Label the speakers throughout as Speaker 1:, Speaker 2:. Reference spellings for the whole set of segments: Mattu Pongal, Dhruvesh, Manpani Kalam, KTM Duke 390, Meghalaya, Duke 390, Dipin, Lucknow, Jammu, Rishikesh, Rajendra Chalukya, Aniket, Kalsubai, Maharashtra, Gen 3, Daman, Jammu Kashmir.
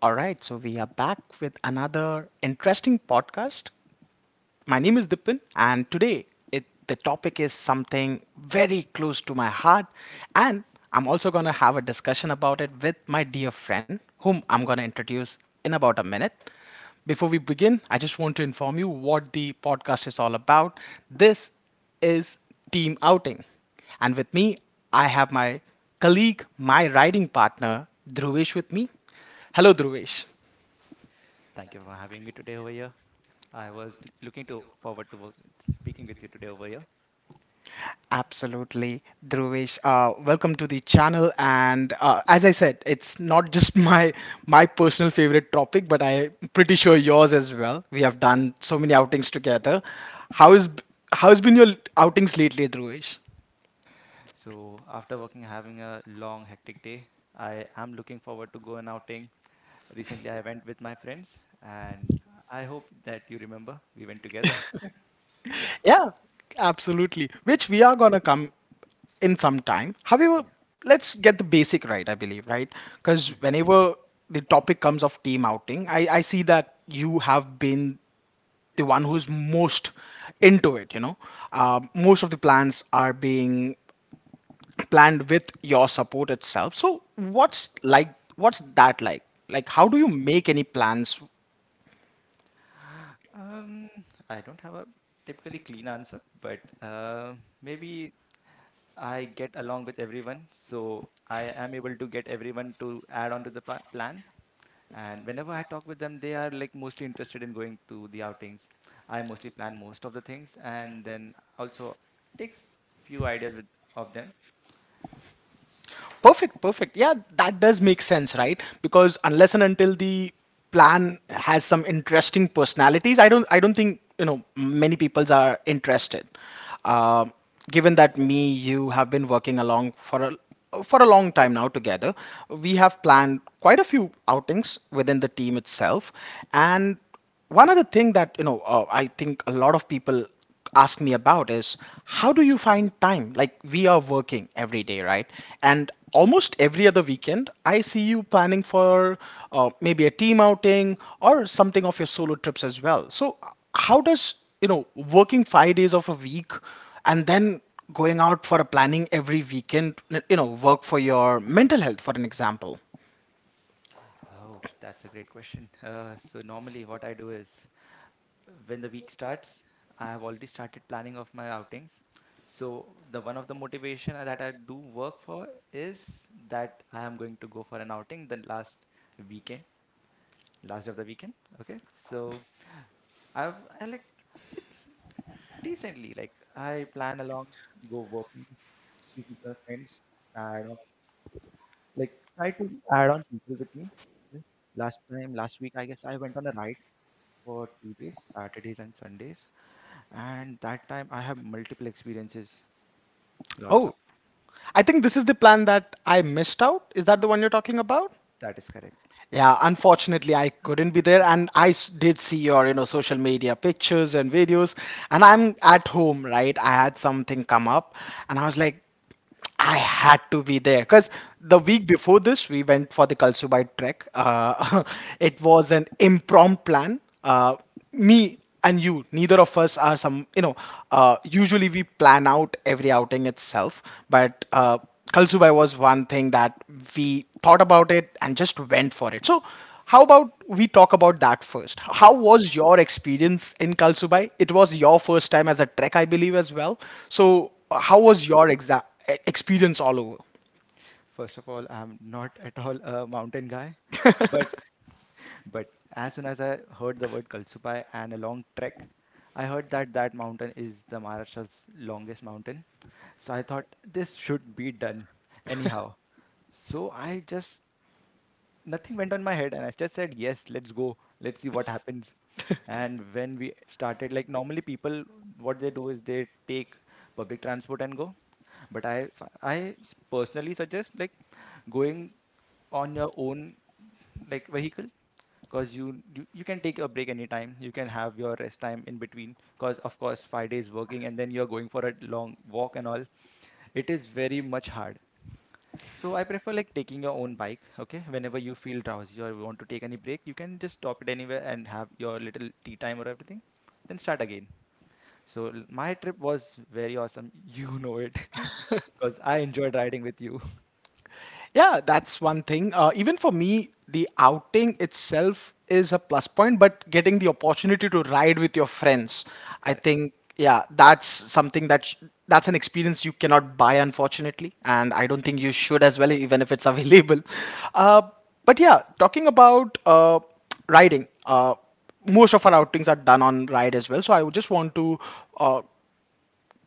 Speaker 1: All right, so we are back with another interesting podcast. My name is Dipin, and today the topic is something very close to my heart, and I'm also going to have a discussion about it with my dear friend, whom I'm going to introduce in about a minute. Before we begin, I just want to inform you what the podcast is all about. This is team outing. And with me, I have my colleague, my riding partner, Dhruvesh with me. Hello, Dhruvesh.
Speaker 2: Thank you for having me today over here. I was looking to forward to work, speaking with you today over here.
Speaker 1: Absolutely, Dhruvesh. Welcome to the channel. And as I said, it's not just my personal favorite topic, but I'm pretty sure yours as well. We have done so many outings together. How is how has been your outings lately, Dhruvesh?
Speaker 2: So after working, having a long, hectic day, I am looking forward to go an outing. Recently, I went with my friends, and I hope that you remember we went together.
Speaker 1: Yeah, absolutely, which we are gonna come in some time. However, let's get the basic right, I believe, right? Because whenever the topic comes of team outing, I see that you have been the one who's most into it. Most of the plans are being planned with your support itself, so what's that like how do you make any plans?
Speaker 2: Um, I don't have a typically clean answer, but maybe I get along with everyone, so I am able to get everyone to add on to the plan. And whenever I talk with them, they are like mostly interested in going to the outings. I mostly plan most of the things, and then also takes few ideas with of them.
Speaker 1: Perfect, perfect. Yeah, that does make sense, right? Because unless and until the plan has some interesting personalities, I don't think, you know, many peoples are interested. Um Given that me, you have been working along for a long time now together, we have planned quite a few outings within the team itself. And one other thing that I think a lot of people ask me about is, how do you find time? Like, we are working every day, right? And almost every other weekend, I see you planning for, maybe a team outing or something, of your solo trips as well. So how does, you know, working 5 days of a week and then going out for a planning every weekend, you know, work for your mental health, for an example?
Speaker 2: Oh, that's a great question. So normally what I do is when the week starts, I have already started planning of my outings. So the one of the motivation that I do work for is that I am going to go for an outing the last weekend, last day of the weekend. Okay. So I like it's decently like I plan along, go working, speak with my friends, add on like try to add on people with me. Okay. Last time, last week, I guess I went on a ride for 2 days, Saturdays and Sundays. And that time I have multiple experiences, lots of.
Speaker 1: Oh, I think this is the plan that I missed out. Is that the one you're talking about?
Speaker 2: That is correct.
Speaker 1: Yeah, unfortunately, I couldn't be there, and did see your, you know, social media pictures and videos. And I'm at home, right? I had something come up, and I was like, I had to be there because the week before this, we went for the Kalsubai trek. It was an impromptu plan. Me and you, neither of us are some, you know, usually we plan out every outing itself, but Kalsubai was one thing that we thought about it and just went for it. So how about we talk about that first? How was your experience in Kalsubai? It was your first time as a trek, I believe, as well. So how was your experience all over?
Speaker 2: First of all, I'm not at all a mountain guy, but but as soon as I heard the word Kalsubai and a long trek, I heard that that mountain is the Maharashtra's longest mountain. So I thought this should be done anyhow. So I just nothing went on my head and I just said yes, let's go, let's see what happens. And when we started, like normally people what they do is they take public transport and go, but I personally suggest like going on your own like vehicle, because you can take a break anytime, you can have your rest time in between, because of course 5 days working and then you're going for a long walk and all, it is very much hard. So I prefer like taking your own bike. Okay, whenever you feel drowsy or you want to take any break, you can just stop it anywhere and have your little tea time or everything, then start again. So my trip was very awesome. You know it, because I enjoyed riding with you.
Speaker 1: Yeah, that's one thing. Even for me, the outing itself is a plus point, but getting the opportunity to ride with your friends, I think, yeah, that's something that that's an experience you cannot buy, unfortunately, and I don't think you should as well, even if it's available. Uh, but yeah, talking about riding, most of our outings are done on ride as well. So I would just want to uh,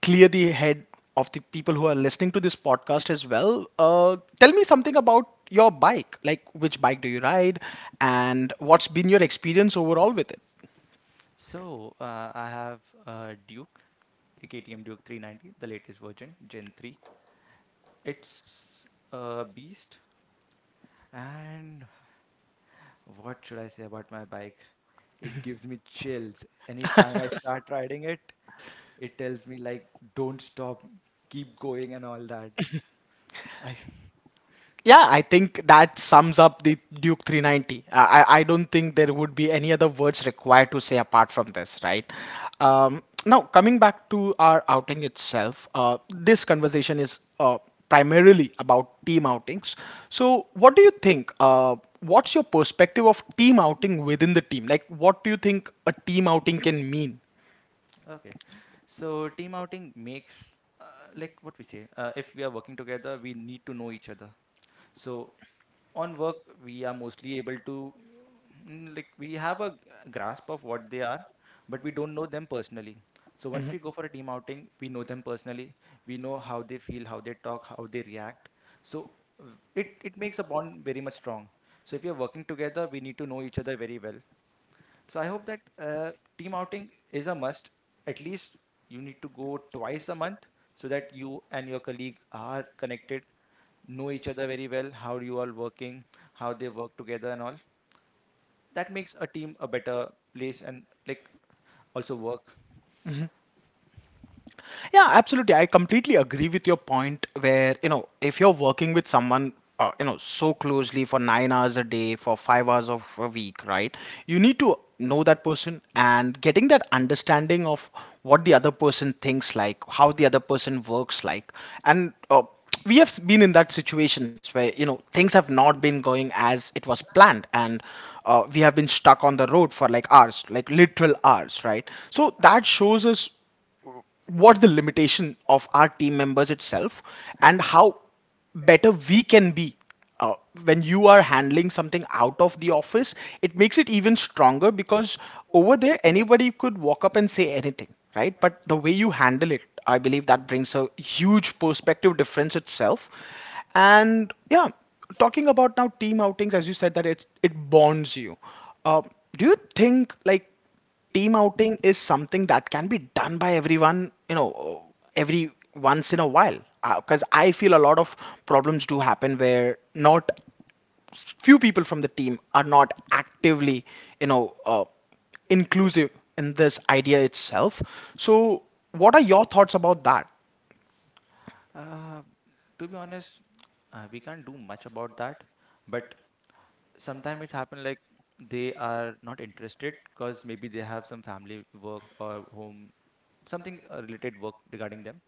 Speaker 1: clear the head of the people who are listening to this podcast as well. Tell me something about your bike. Like, which bike do you ride, and what's been your experience overall with it?
Speaker 2: So I have Duke, a KTM Duke 390, the latest version, Gen 3. It's a beast. And what should I say about my bike? It gives me chills. Anytime I start riding it, it tells me like don't stop, keep going and all that. I
Speaker 1: Yeah, I think that sums up the Duke 390. I don't think there would be any other words required to say apart from this, right? Now, coming back to our outing itself, this conversation is primarily about team outings. So, what do you think? What's your perspective of team outing within the team? Like, what do you think a team outing can mean?
Speaker 2: okay. So team outing makes like what we say. If we are working together, we need to know each other. So on work we are mostly able to like we have a grasp of what they are, but we don't know them personally. So once we go for a team outing, we know them personally, we know how they feel, how they talk, how they react. So uh, it makes a bond very much strong. So if you're working together, we need to know each other very well. So I hope that team outing is a must. At least you need to go 2 times a month, so that you and your colleague are connected, know each other very well, how you are working, how they work together, and all. That makes a team a better place and like also work.
Speaker 1: Yeah, absolutely. I completely agree with your point where, you know, if you're working with someone, you know, so closely for 9 hours a day, for 5 hours of a week, right? You need to know that person, and getting that understanding of what the other person thinks like, how the other person works like. And we have been in that situations where, you know, things have not been going as it was planned, and we have been stuck on the road for like hours, like literal hours, right? So that shows us what's the limitation of our team members itself, and how better we can be. uh, when you are handling something out of the office, it makes it even stronger, because over there anybody could walk up and say anything, right? But the way you handle it, I believe that brings a huge perspective difference itself. And yeah, talking about now team outings, as you said that it bonds you, uh, do you think like team outing is something that can be done by everyone, you know, every once in a while? Because I feel a lot of problems do happen where not few people from the team are not actively, you know, inclusive in this idea itself. So what are your thoughts about that?
Speaker 2: Uh, to be honest, we can't do much about that, but sometimes it's happened like they are not interested because maybe they have some family work or home something related work regarding them.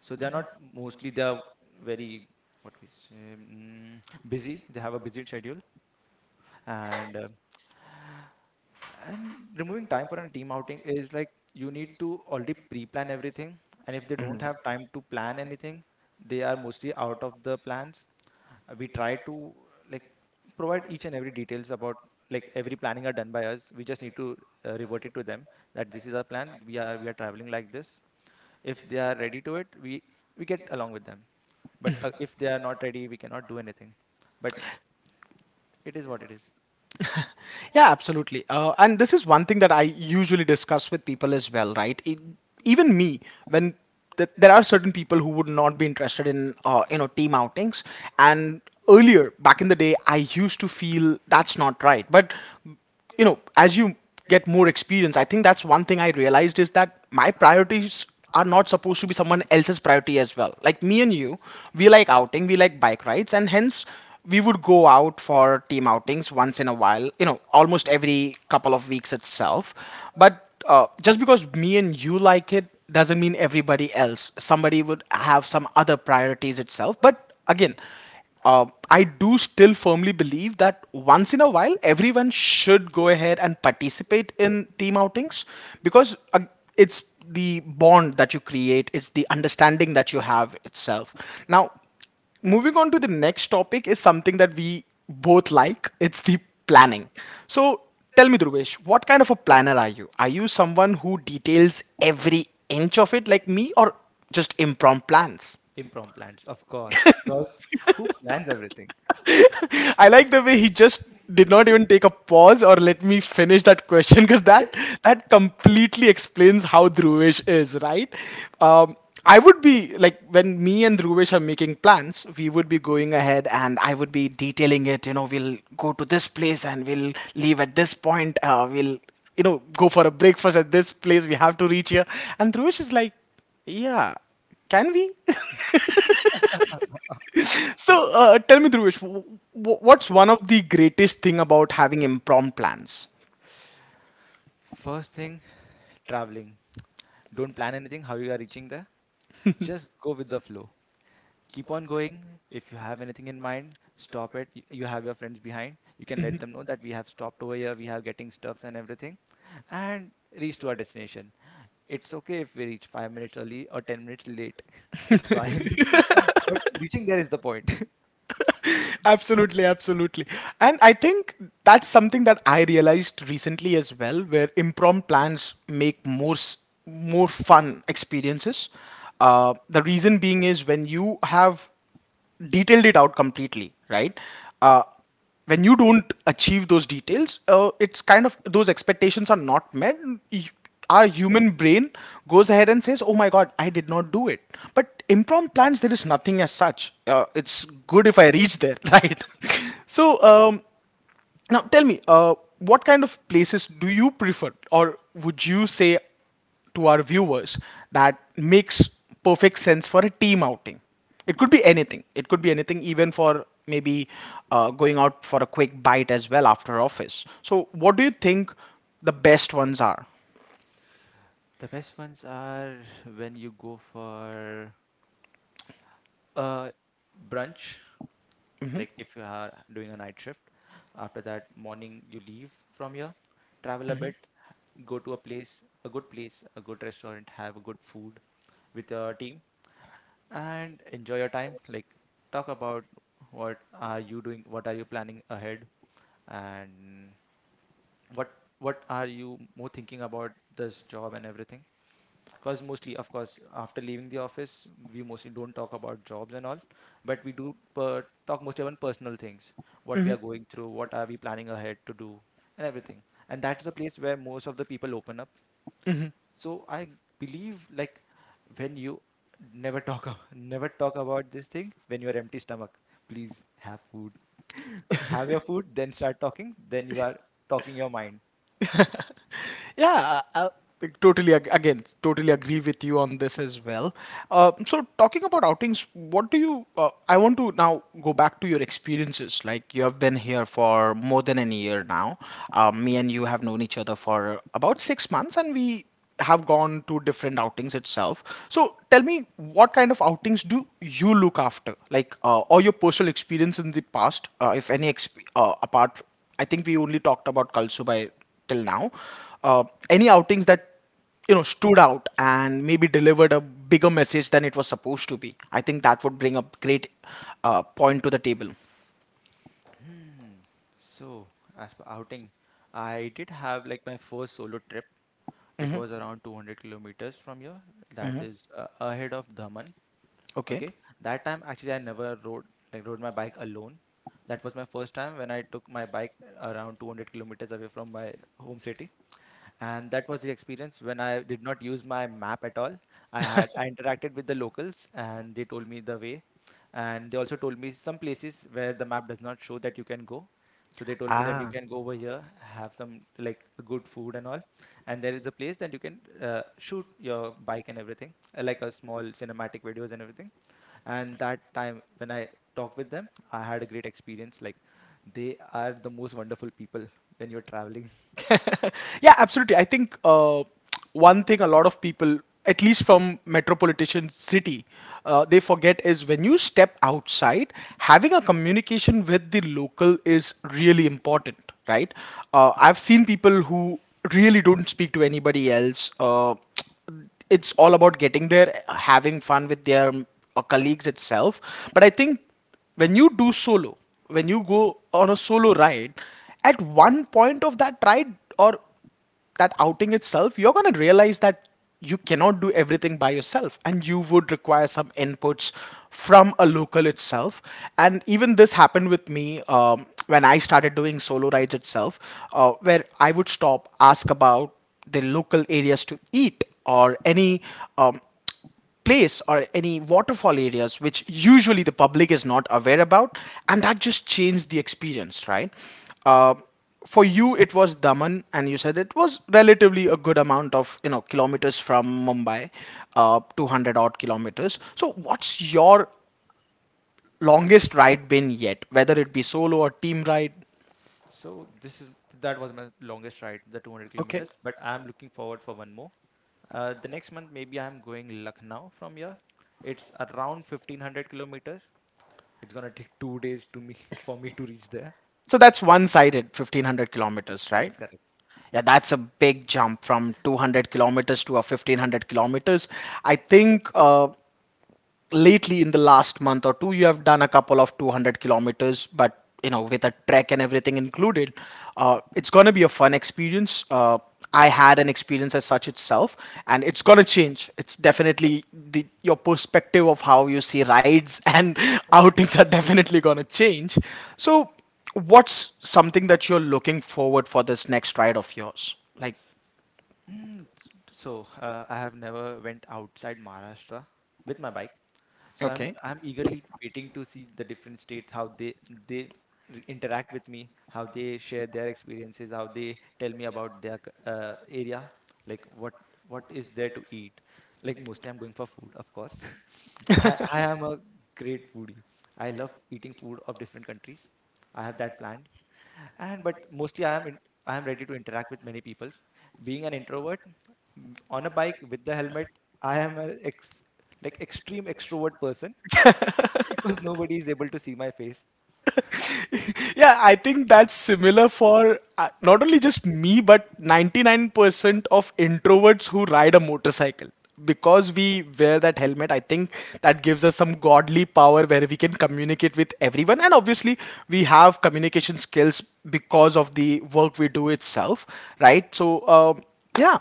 Speaker 2: So they are not mostly, they are very what we say, busy, they have a busy schedule. And uh, and removing time for a team outing is like you need to already pre-plan everything, and if they don't have time to plan anything, they are mostly out of the plans. We try to like provide each and every details about like every planning are done by us. We just need to revert it to them that this is our plan, we are traveling like this. If they are ready to it, we get along with them, but if they are not ready, we cannot do anything, but it is what it is.
Speaker 1: Yeah, absolutely. And this is one thing that I usually discuss with people as well, right? Even me, when there are certain people who would not be interested in, you know, team outings. And earlier, back in the day, I used to feel that's not right. But you know, as you get more experience, I think that's one thing I realized, is that my priorities are not supposed to be someone else's priority as well. Like, me and you, we like outing, we like bike rides, and hence we would go out for team outings once in a while, you know, almost every couple of weeks itself. But just because me and you like it doesn't mean everybody else, somebody would have some other priorities itself. But again, I do still firmly believe that once in a while, everyone should go ahead and participate in team outings, because it's the bond that you create, it's the understanding that you have itself. Now, moving on to the next topic is something that we both like, it's the planning. So, tell me, Dhruvesh, what kind of a planner are you? Are you someone who details every inch of it like me, or just impromptu plans?
Speaker 2: Improv plans, of course. Because who plans everything?
Speaker 1: I like the way he just did not even take a pause or let me finish that question, because that completely explains how Dhruvish is, right? Um, I would be like, when me and Dhruvish are making plans, we would be going ahead and I would be detailing it. You know, we'll go to this place and we'll leave at this point. We'll, you know, go for a breakfast at this place. We have to reach here, and Dhruvish is like, yeah, can we? So tell me, Dhruvish, what's one of the greatest thing about having impromptu plans?
Speaker 2: First thing, traveling. Don't plan anything, how you are reaching there. Just go with the flow. Keep on going. If you have anything in mind, stop it. You have your friends behind. You can let them know that we have stopped over here, we are getting stuffs and everything, and reach to our destination. It's okay if we reach 5 minutes early or 10 minutes late. It's fine. But reaching there is the point.
Speaker 1: Absolutely, absolutely. And I think that's something that I realized recently as well, where impromptu plans make more fun experiences. The reason being is when you have detailed it out completely, right? Uh, when you don't achieve those details, it's kind of those expectations are not met. y- Our human brain goes ahead and says, "Oh my God, I did not do it." But impromptu plans, there is nothing as such. It's good if I reach there, right? So now, tell me, what kind of places do you prefer, or would you say to our viewers that makes perfect sense for a team outing? It could be anything. It could be anything, even for maybe going out for a quick bite as well after office. So, what do you think the best ones are?
Speaker 2: The best ones are when you go for Uh, brunch, like if you are doing a night shift, after that morning you leave from here, travel a bit, go to a place, a good restaurant, have a good food with your team and enjoy your time. Like talk about what are you doing, what are you planning ahead, and what what are you more thinking about this job and everything, because mostly of course after leaving the office we mostly don't talk about jobs and all, but we do talk mostly about personal things, what we are going through, what are we planning ahead to do, and everything. And that's the place where most of the people open up. So I believe like when you never talk ab- never talk about this thing when you're empty stomach, please have food. Have your food, then start talking, then you are talking your mind.
Speaker 1: Yeah, I totally again totally agree with you on this as well. So talking about outings, what do you? I want to now go back to your experiences. Like, you have been here for more than a year now. Me and you have known each other for about 6 months, and we have gone to different outings itself. So tell me, what kind of outings do you look after? Like, or your personal experience in the past, if any, apart, I think we only talked about Kalsubai till now. Uh, any outings that, you know, stood out and maybe delivered a bigger message than it was supposed to be? I think that would bring a great point to the table.
Speaker 2: Hmm. So, as per outing, I did have like my first solo trip. It was around 200 kilometers from here. That is ahead of Daman.
Speaker 1: Okay.
Speaker 2: Okay. That time actually I never rode like rode my bike alone. That was my first time when I took my bike around 200 kilometers away from my home city. And that was the experience when I did not use my map at all. I interacted with the locals and they told me the way, and they also told me some places where the map does not show that you can go. So they told me that you
Speaker 1: Ah.
Speaker 2: can go over here, have some like good food and all, and there is a place that you can shoot your bike and everything, like a small cinematic videos and everything. And that time when I talked with them, I had a great experience. Like they are the most wonderful people when you're traveling.
Speaker 1: Yeah, absolutely. I think one thing a lot of people, at least from metropolitan city, they forget is when you step outside, having a communication with the local is really important, right? I've seen people who really don't speak to anybody else. It's all about getting there, having fun with their colleagues itself. But I think when you do solo, when you go on a solo ride, at one point of that ride or that outing itself, you're going to realize that you cannot do everything by yourself and you would require some inputs from a local itself. And even this happened with me when I started doing solo rides itself, where I would stop, ask about the local areas to eat or any um, place or any waterfall areas which usually the public is not aware about, and that just changed the experience, right? Uh, for you it was Daman and you said it was relatively a good amount of, you know, kilometers from Mumbai. 200 odd kilometers. So what's your longest ride been yet, whether it be solo or team ride?
Speaker 2: So this is that was my longest ride, the 200
Speaker 1: Okay.
Speaker 2: kilometers. But I'm looking forward for one more. The next month maybe I'm going Lucknow from here. It's around 1,500 kilometers. It's gonna take 2 days to me for me to reach there.
Speaker 1: So that's one sided, 1500 kilometers,
Speaker 2: That
Speaker 1: right?
Speaker 2: is correct.
Speaker 1: Yeah, that's a big jump from 200 kilometers to a 1500 kilometers, I think. Lately in the last month or two you have done a couple of 200 kilometers, but you know, with a trek and everything included, it's going to be a fun experience. I had an experience as such itself, and it's going to change, it's definitely the, your perspective of how you see rides and outings are definitely going to change. So what's something that you're looking forward for this next ride of yours, like?
Speaker 2: So I have never went outside Maharashtra with my bike. So I'm
Speaker 1: Okay.
Speaker 2: I'm eagerly waiting to see the different states, how they they interact with me, how they share their experiences, how they tell me about their area, like what is there to eat. Like mostly I'm going for food, of course. I am a great foodie. I love eating food of different countries. I have that planned. And but mostly I am ready to interact with many peoples. Being an introvert, on a bike with the helmet, I am an ex like extreme extrovert person. Because nobody is able to see my face.
Speaker 1: Yeah, I think that's similar for not only just me, but 99% of introverts who ride a motorcycle. Because we wear that helmet, I think that gives us some godly power where we can communicate with everyone. And obviously, we have communication skills because of the work we do itself, right? So, yeah.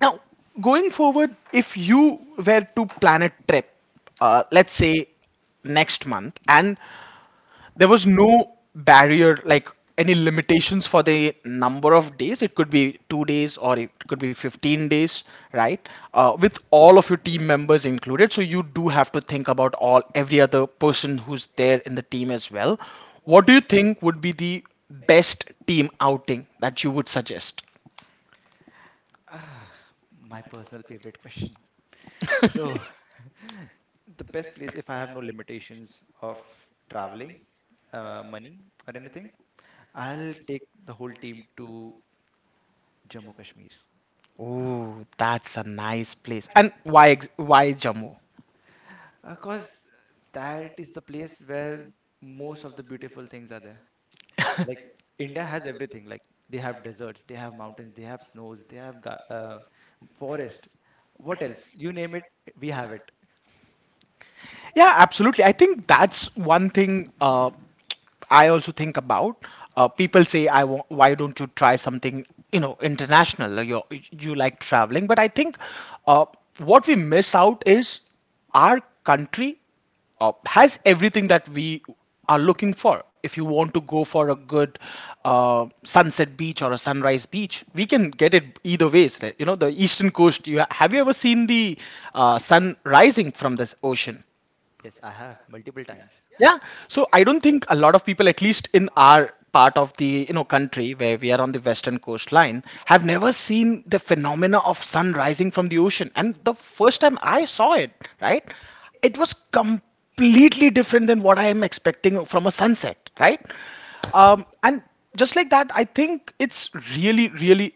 Speaker 1: Now, going forward, if you were to plan a trip, let's say next month, and there was no barrier, like any limitations for the number of days. It could be 2 days or it could be 15 days, right? With all of your team members included. So you do have to think about all every other person who's there in the team as well. What do you think would be the best team outing that you would suggest?
Speaker 2: ah, my personal favorite question. So the best place, if I have no limitations of traveling, money or anything, I'll take the whole team to Jammu Kashmir.
Speaker 1: Oh, that's a nice place. And why why Jammu?
Speaker 2: Because that is the place where most of the beautiful things are there. Like India has everything. Like they have deserts, they have mountains, they have snows, they have forest. What else? You name it, we have it.
Speaker 1: Yeah, absolutely. I think that's one thing I also think about. People say, "I why don't you try something, you know, international? You like traveling?" But I think uh, what we miss out is our country has everything that we are looking for. If you want to go for a good sunset beach or a sunrise beach, we can get it either ways. Right? You know, the eastern coast. You have you ever seen the sun rising from this ocean?
Speaker 2: Yes, I have multiple times.
Speaker 1: Yeah. So I don't think a lot of people, at least in our part of the, you know, country where we are on the western coastline, have never seen the phenomena of sun rising from the ocean. And the first time I saw it, right, it was completely different than what I am expecting from a sunset, right?
Speaker 2: Correct.
Speaker 1: And just like that, I think it's really, really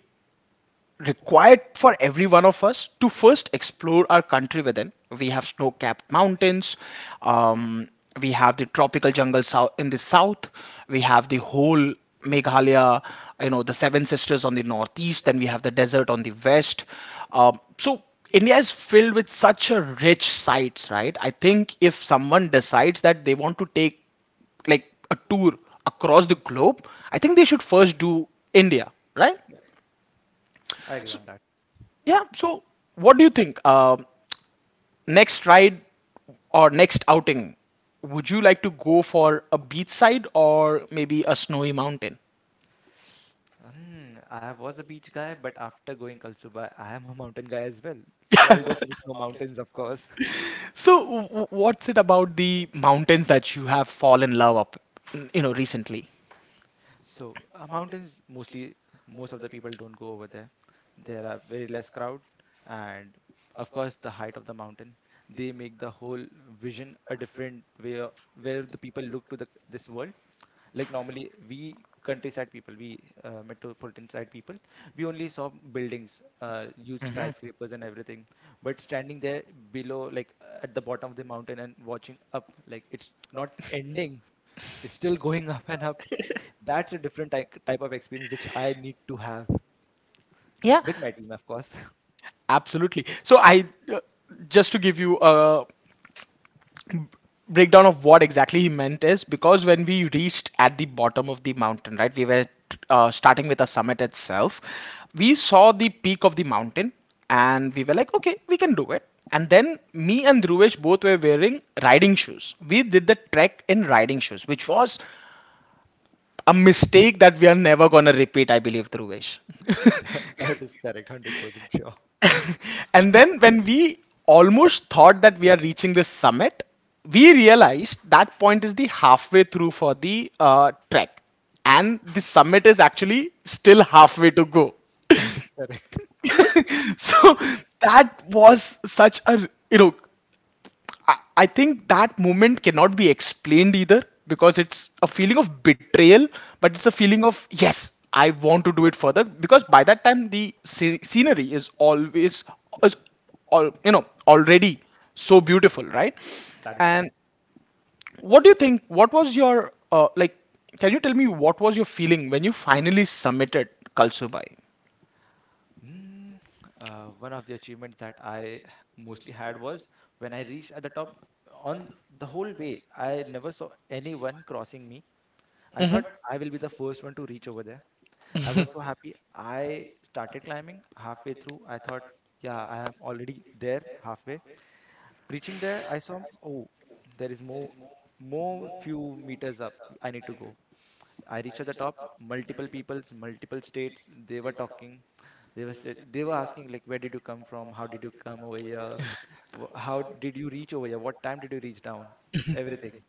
Speaker 1: required for every one of us to first explore our country within. We have snow capped mountains, um, we have the tropical jungle south in the south, we have the whole Meghalaya, you know, the Seven Sisters on the northeast, then we have the desert on the west. So India is filled with such a rich sites, right? I think if someone decides that they want to take like a tour across the globe, I think they should first do India, right?
Speaker 2: I agree on that.
Speaker 1: Yeah. So, what do you think? Next ride or next outing, would you like to go for a beachside or maybe a snowy mountain?
Speaker 2: Hmm, I was a beach guy, but after going Kalsuba, I am a mountain guy as well. So I'll go for the snow mountains, of course.
Speaker 1: So, what's it about the mountains that you have fallen in love up, you know, recently?
Speaker 2: So mountains mostly, most of the people don't go over there. There are very less crowd, and of course the height of the mountain. They make the whole vision a different way where the people look to the this world. Like normally we countryside people, we metropolitan side people, we only saw buildings, huge skyscrapers and everything. But standing there below, like at the bottom of the mountain and watching up, like it's not ending, it's still going up and up. That's a different type of experience which I need to have
Speaker 1: Yeah.
Speaker 2: with my team, of course.
Speaker 1: Absolutely. So I uh, just to give you a breakdown of what exactly he meant is because when we reached at the bottom of the mountain, right, we were starting with the summit itself, we saw the peak of the mountain and we were like, okay, we can do it. And then me and Dhruvesh both were wearing riding shoes. We did the trek in riding shoes, which was a mistake that we are never gonna repeat, I believe, Dhruvesh.
Speaker 2: That is correct, 100% sure.
Speaker 1: And then when we almost thought that we are reaching the summit, we realized that point is the halfway through for the trek, and the summit is actually still halfway to go.
Speaker 2: That is correct.
Speaker 1: So that was such a, you know, I think that moment cannot be explained either because it's a feeling of betrayal, but it's a feeling of yes, I want to do it further because by that time the scenery is always is all, you know, already so beautiful, right?
Speaker 2: That is
Speaker 1: And
Speaker 2: correct.
Speaker 1: what do you think? What was your like? Can you tell me what was your feeling when you finally submitted Kalsubai?
Speaker 2: Mm, one of the achievements that I mostly had was when I reached at the top. On the whole way, I never saw anyone crossing me. I thought I will be the first one to reach over there. I was so happy. I started climbing halfway through. I thought, yeah, I am already there halfway. Reaching there, I saw, oh, there is more, more few meters up. I need to go. I reached at the top. Multiple peoples, multiple states. They were talking. They were they were asking like, where did you come from? How did you come over here? How did you reach over here? What time did you reach down? Everything.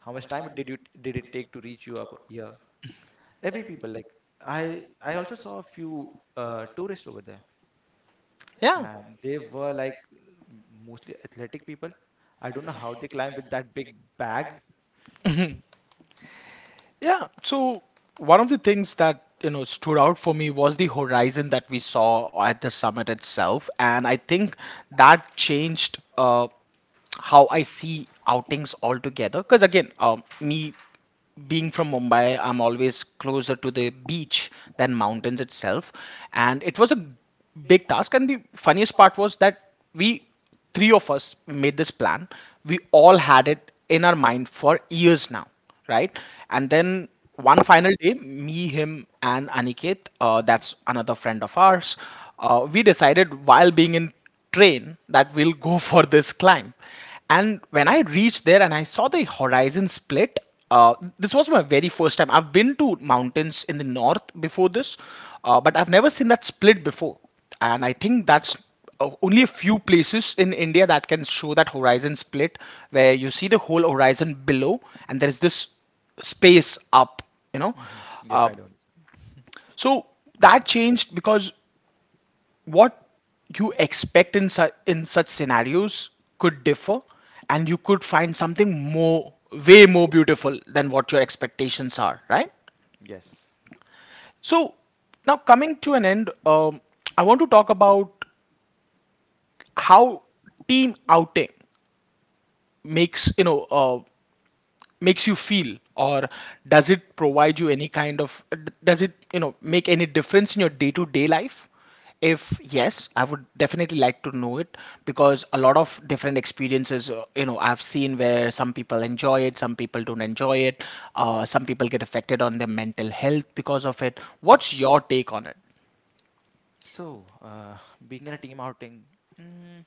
Speaker 2: How much time did you did it take to reach you up here? Every people like I also saw a few tourists over there,
Speaker 1: Yeah.
Speaker 2: and they were like mostly athletic people. I don't know how they climb with that big bag.
Speaker 1: Yeah. So one of the things that, you know, stood out for me was the horizon that we saw at the summit itself, and I think that changed how I see outings altogether. Because again, me being from Mumbai, I'm always closer to the beach than mountains itself, and it was a big task. And the funniest part was that we three of us made this plan. We all had it in our mind for years now, right? And then one final day, me, him, and Aniket, that's another friend of ours, we decided while being in train that we'll go for this climb. And when I reached there and I saw the horizon split, this was my very first time. I've been to mountains in the north before this, but I've never seen that split before. And I think that's only a few places in India that can show that horizon split, where you see the whole horizon below and there is this space up, you know.
Speaker 2: Hmm Yes,
Speaker 1: Uh,
Speaker 2: I do understand.
Speaker 1: so that changed because what you expect in, in such scenarios could differ and you could find something more, way more beautiful than what your expectations are, right?
Speaker 2: Yes.
Speaker 1: So now coming to an end, I want to talk about how team outing makes, you know, makes you feel, or does it provide you any kind of does it, you know, make any difference in your day-to-day life? If yes, I would definitely like to know it, because a lot of different experiences, you know, I've seen where some people enjoy it, some people don't enjoy it. Some people get affected on their mental health because of it. What's your take on it?
Speaker 2: So, being in a team outing, mm,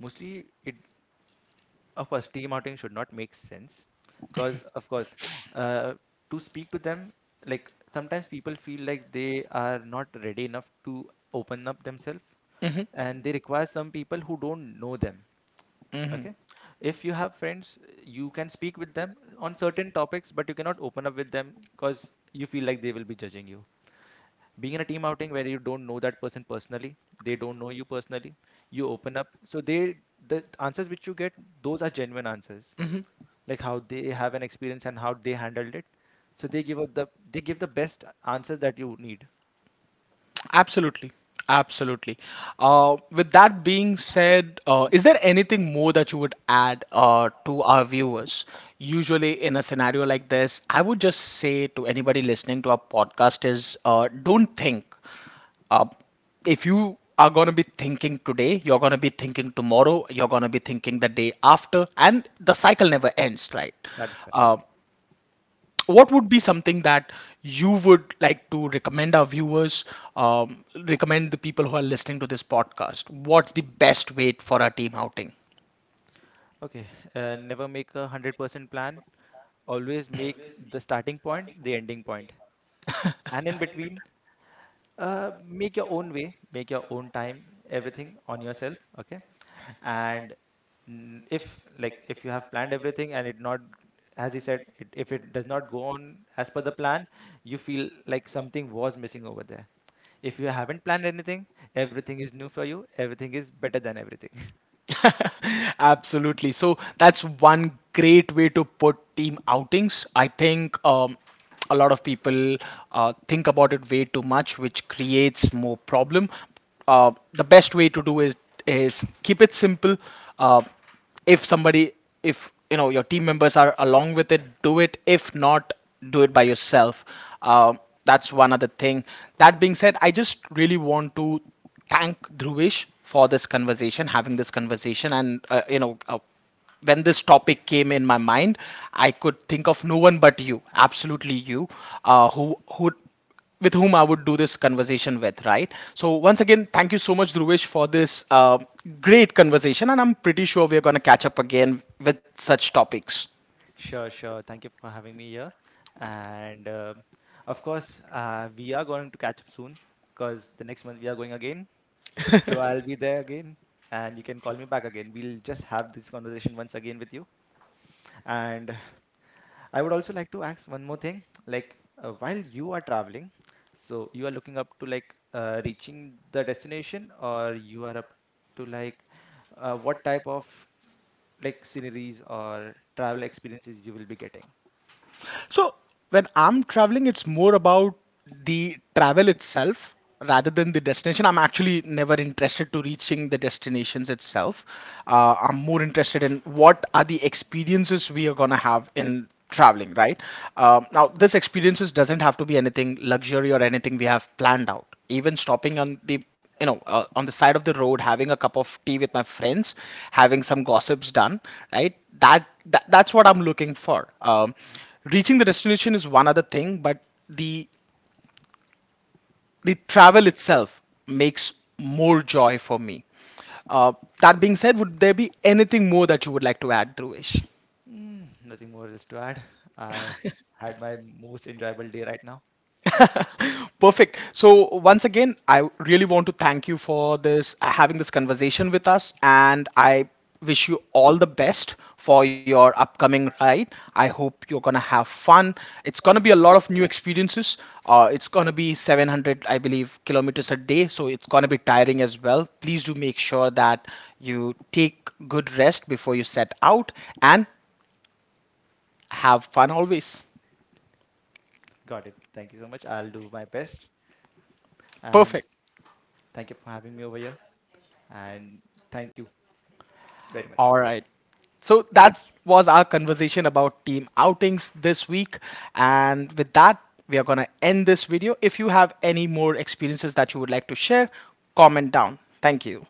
Speaker 2: mostly it, of course, team outing should not make sense, because of course, uh, to speak to them, like sometimes people feel like they are not ready enough to open up themselves, and they require some people who don't know them. Okay. If you have friends, you can speak with them on certain topics, but you cannot open up with them because you feel like they will be judging you. Being in a team outing where you don't know that person personally, they don't know you personally, you open up. So they, the answers which you get, those are genuine answers. Like how they have an experience and how they handled it. So they give out the they give the best answers that you need.
Speaker 1: Absolutely. Absolutely. With that being said, is there anything more that you would add to our viewers? Usually, in a scenario like this, I would just say to anybody listening to our podcast is don't think. Uh, if you are going to be thinking today, you're going to be thinking tomorrow, you're going to be thinking the day after, and the cycle never ends, right?
Speaker 2: That is correct.
Speaker 1: Uh, what would be something that you would like to recommend our viewers, recommend the people who are listening to this podcast? What's the best way for a team outing?
Speaker 2: Okay. Never make 100% plan. Always make the starting point, the ending point, and in between, make your own way, make your own time, everything on yourself. Okay. And if, like, if you have planned everything and it not, as you said it, if it does not go on as per the plan, you feel like something was missing over there. If you haven't planned anything, everything is new for you, everything is better than everything.
Speaker 1: Absolutely. So that's one great way to put team outings. I think a lot of people think about it way too much, which creates more problem. The best way to do is keep it simple. Uh, if somebody if you know your team members are along with it, do it. If not, do it by yourself. um, that's one other thing. That being said, I just really want to thank Dhruvish for this conversation having this conversation, and you know, when this topic came in my mind, I could think of no one but you. Absolutely you, uh, who who with whom I would do this conversation with, right? So once again, thank you so much, Dhruvesh, for this great conversation, and I'm pretty sure we are going to catch up again with such topics.
Speaker 2: Sure, sure, thank you for having me here, and of course, we are going to catch up soon because the next month we are going again. So I'll be there again, and you can call me back again. We'll just have this conversation once again with you. And I would also like to ask one more thing. Like, while you are traveling, so you are looking up to, like, reaching the destination, or you are up to, like, what type of, like, sceneries or travel experiences you will be getting?
Speaker 1: So when I'm traveling, it's more about the travel itself rather than the destination. I'm actually never interested to reaching the destinations itself. I'm more interested in what are the experiences we are gonna have in traveling, right? Now, this experiences doesn't have to be anything luxury or anything we have planned out. Even stopping on the, you know, on the side of the road, having a cup of tea with my friends, having some gossips done, right? That's what I'm looking for. Reaching the destination is one other thing, but the the travel itself makes more joy for me. uh, that being said, would there be anything more that you would like to add, Dhruvesh?
Speaker 2: Mm, nothing more else to add. I had my most enjoyable day right now.
Speaker 1: Perfect. So once again, I really want to thank you for this, having this conversation with us, and I wish you all the best for your upcoming ride. I hope you're gonna have fun. It's gonna be a lot of new experiences. It's gonna be 700, I believe, kilometers a day, so it's gonna be tiring as well. Please do make sure that you take good rest before you set out and have fun always.
Speaker 2: Got it. Thank you so much. I'll do my best. And
Speaker 1: Perfect.
Speaker 2: thank you for having me over here, and thank you very much.
Speaker 1: All right. So that was our conversation about team outings this week. And with that, we are going to end this video. If you have any more experiences that you would like to share, comment down. Thank you.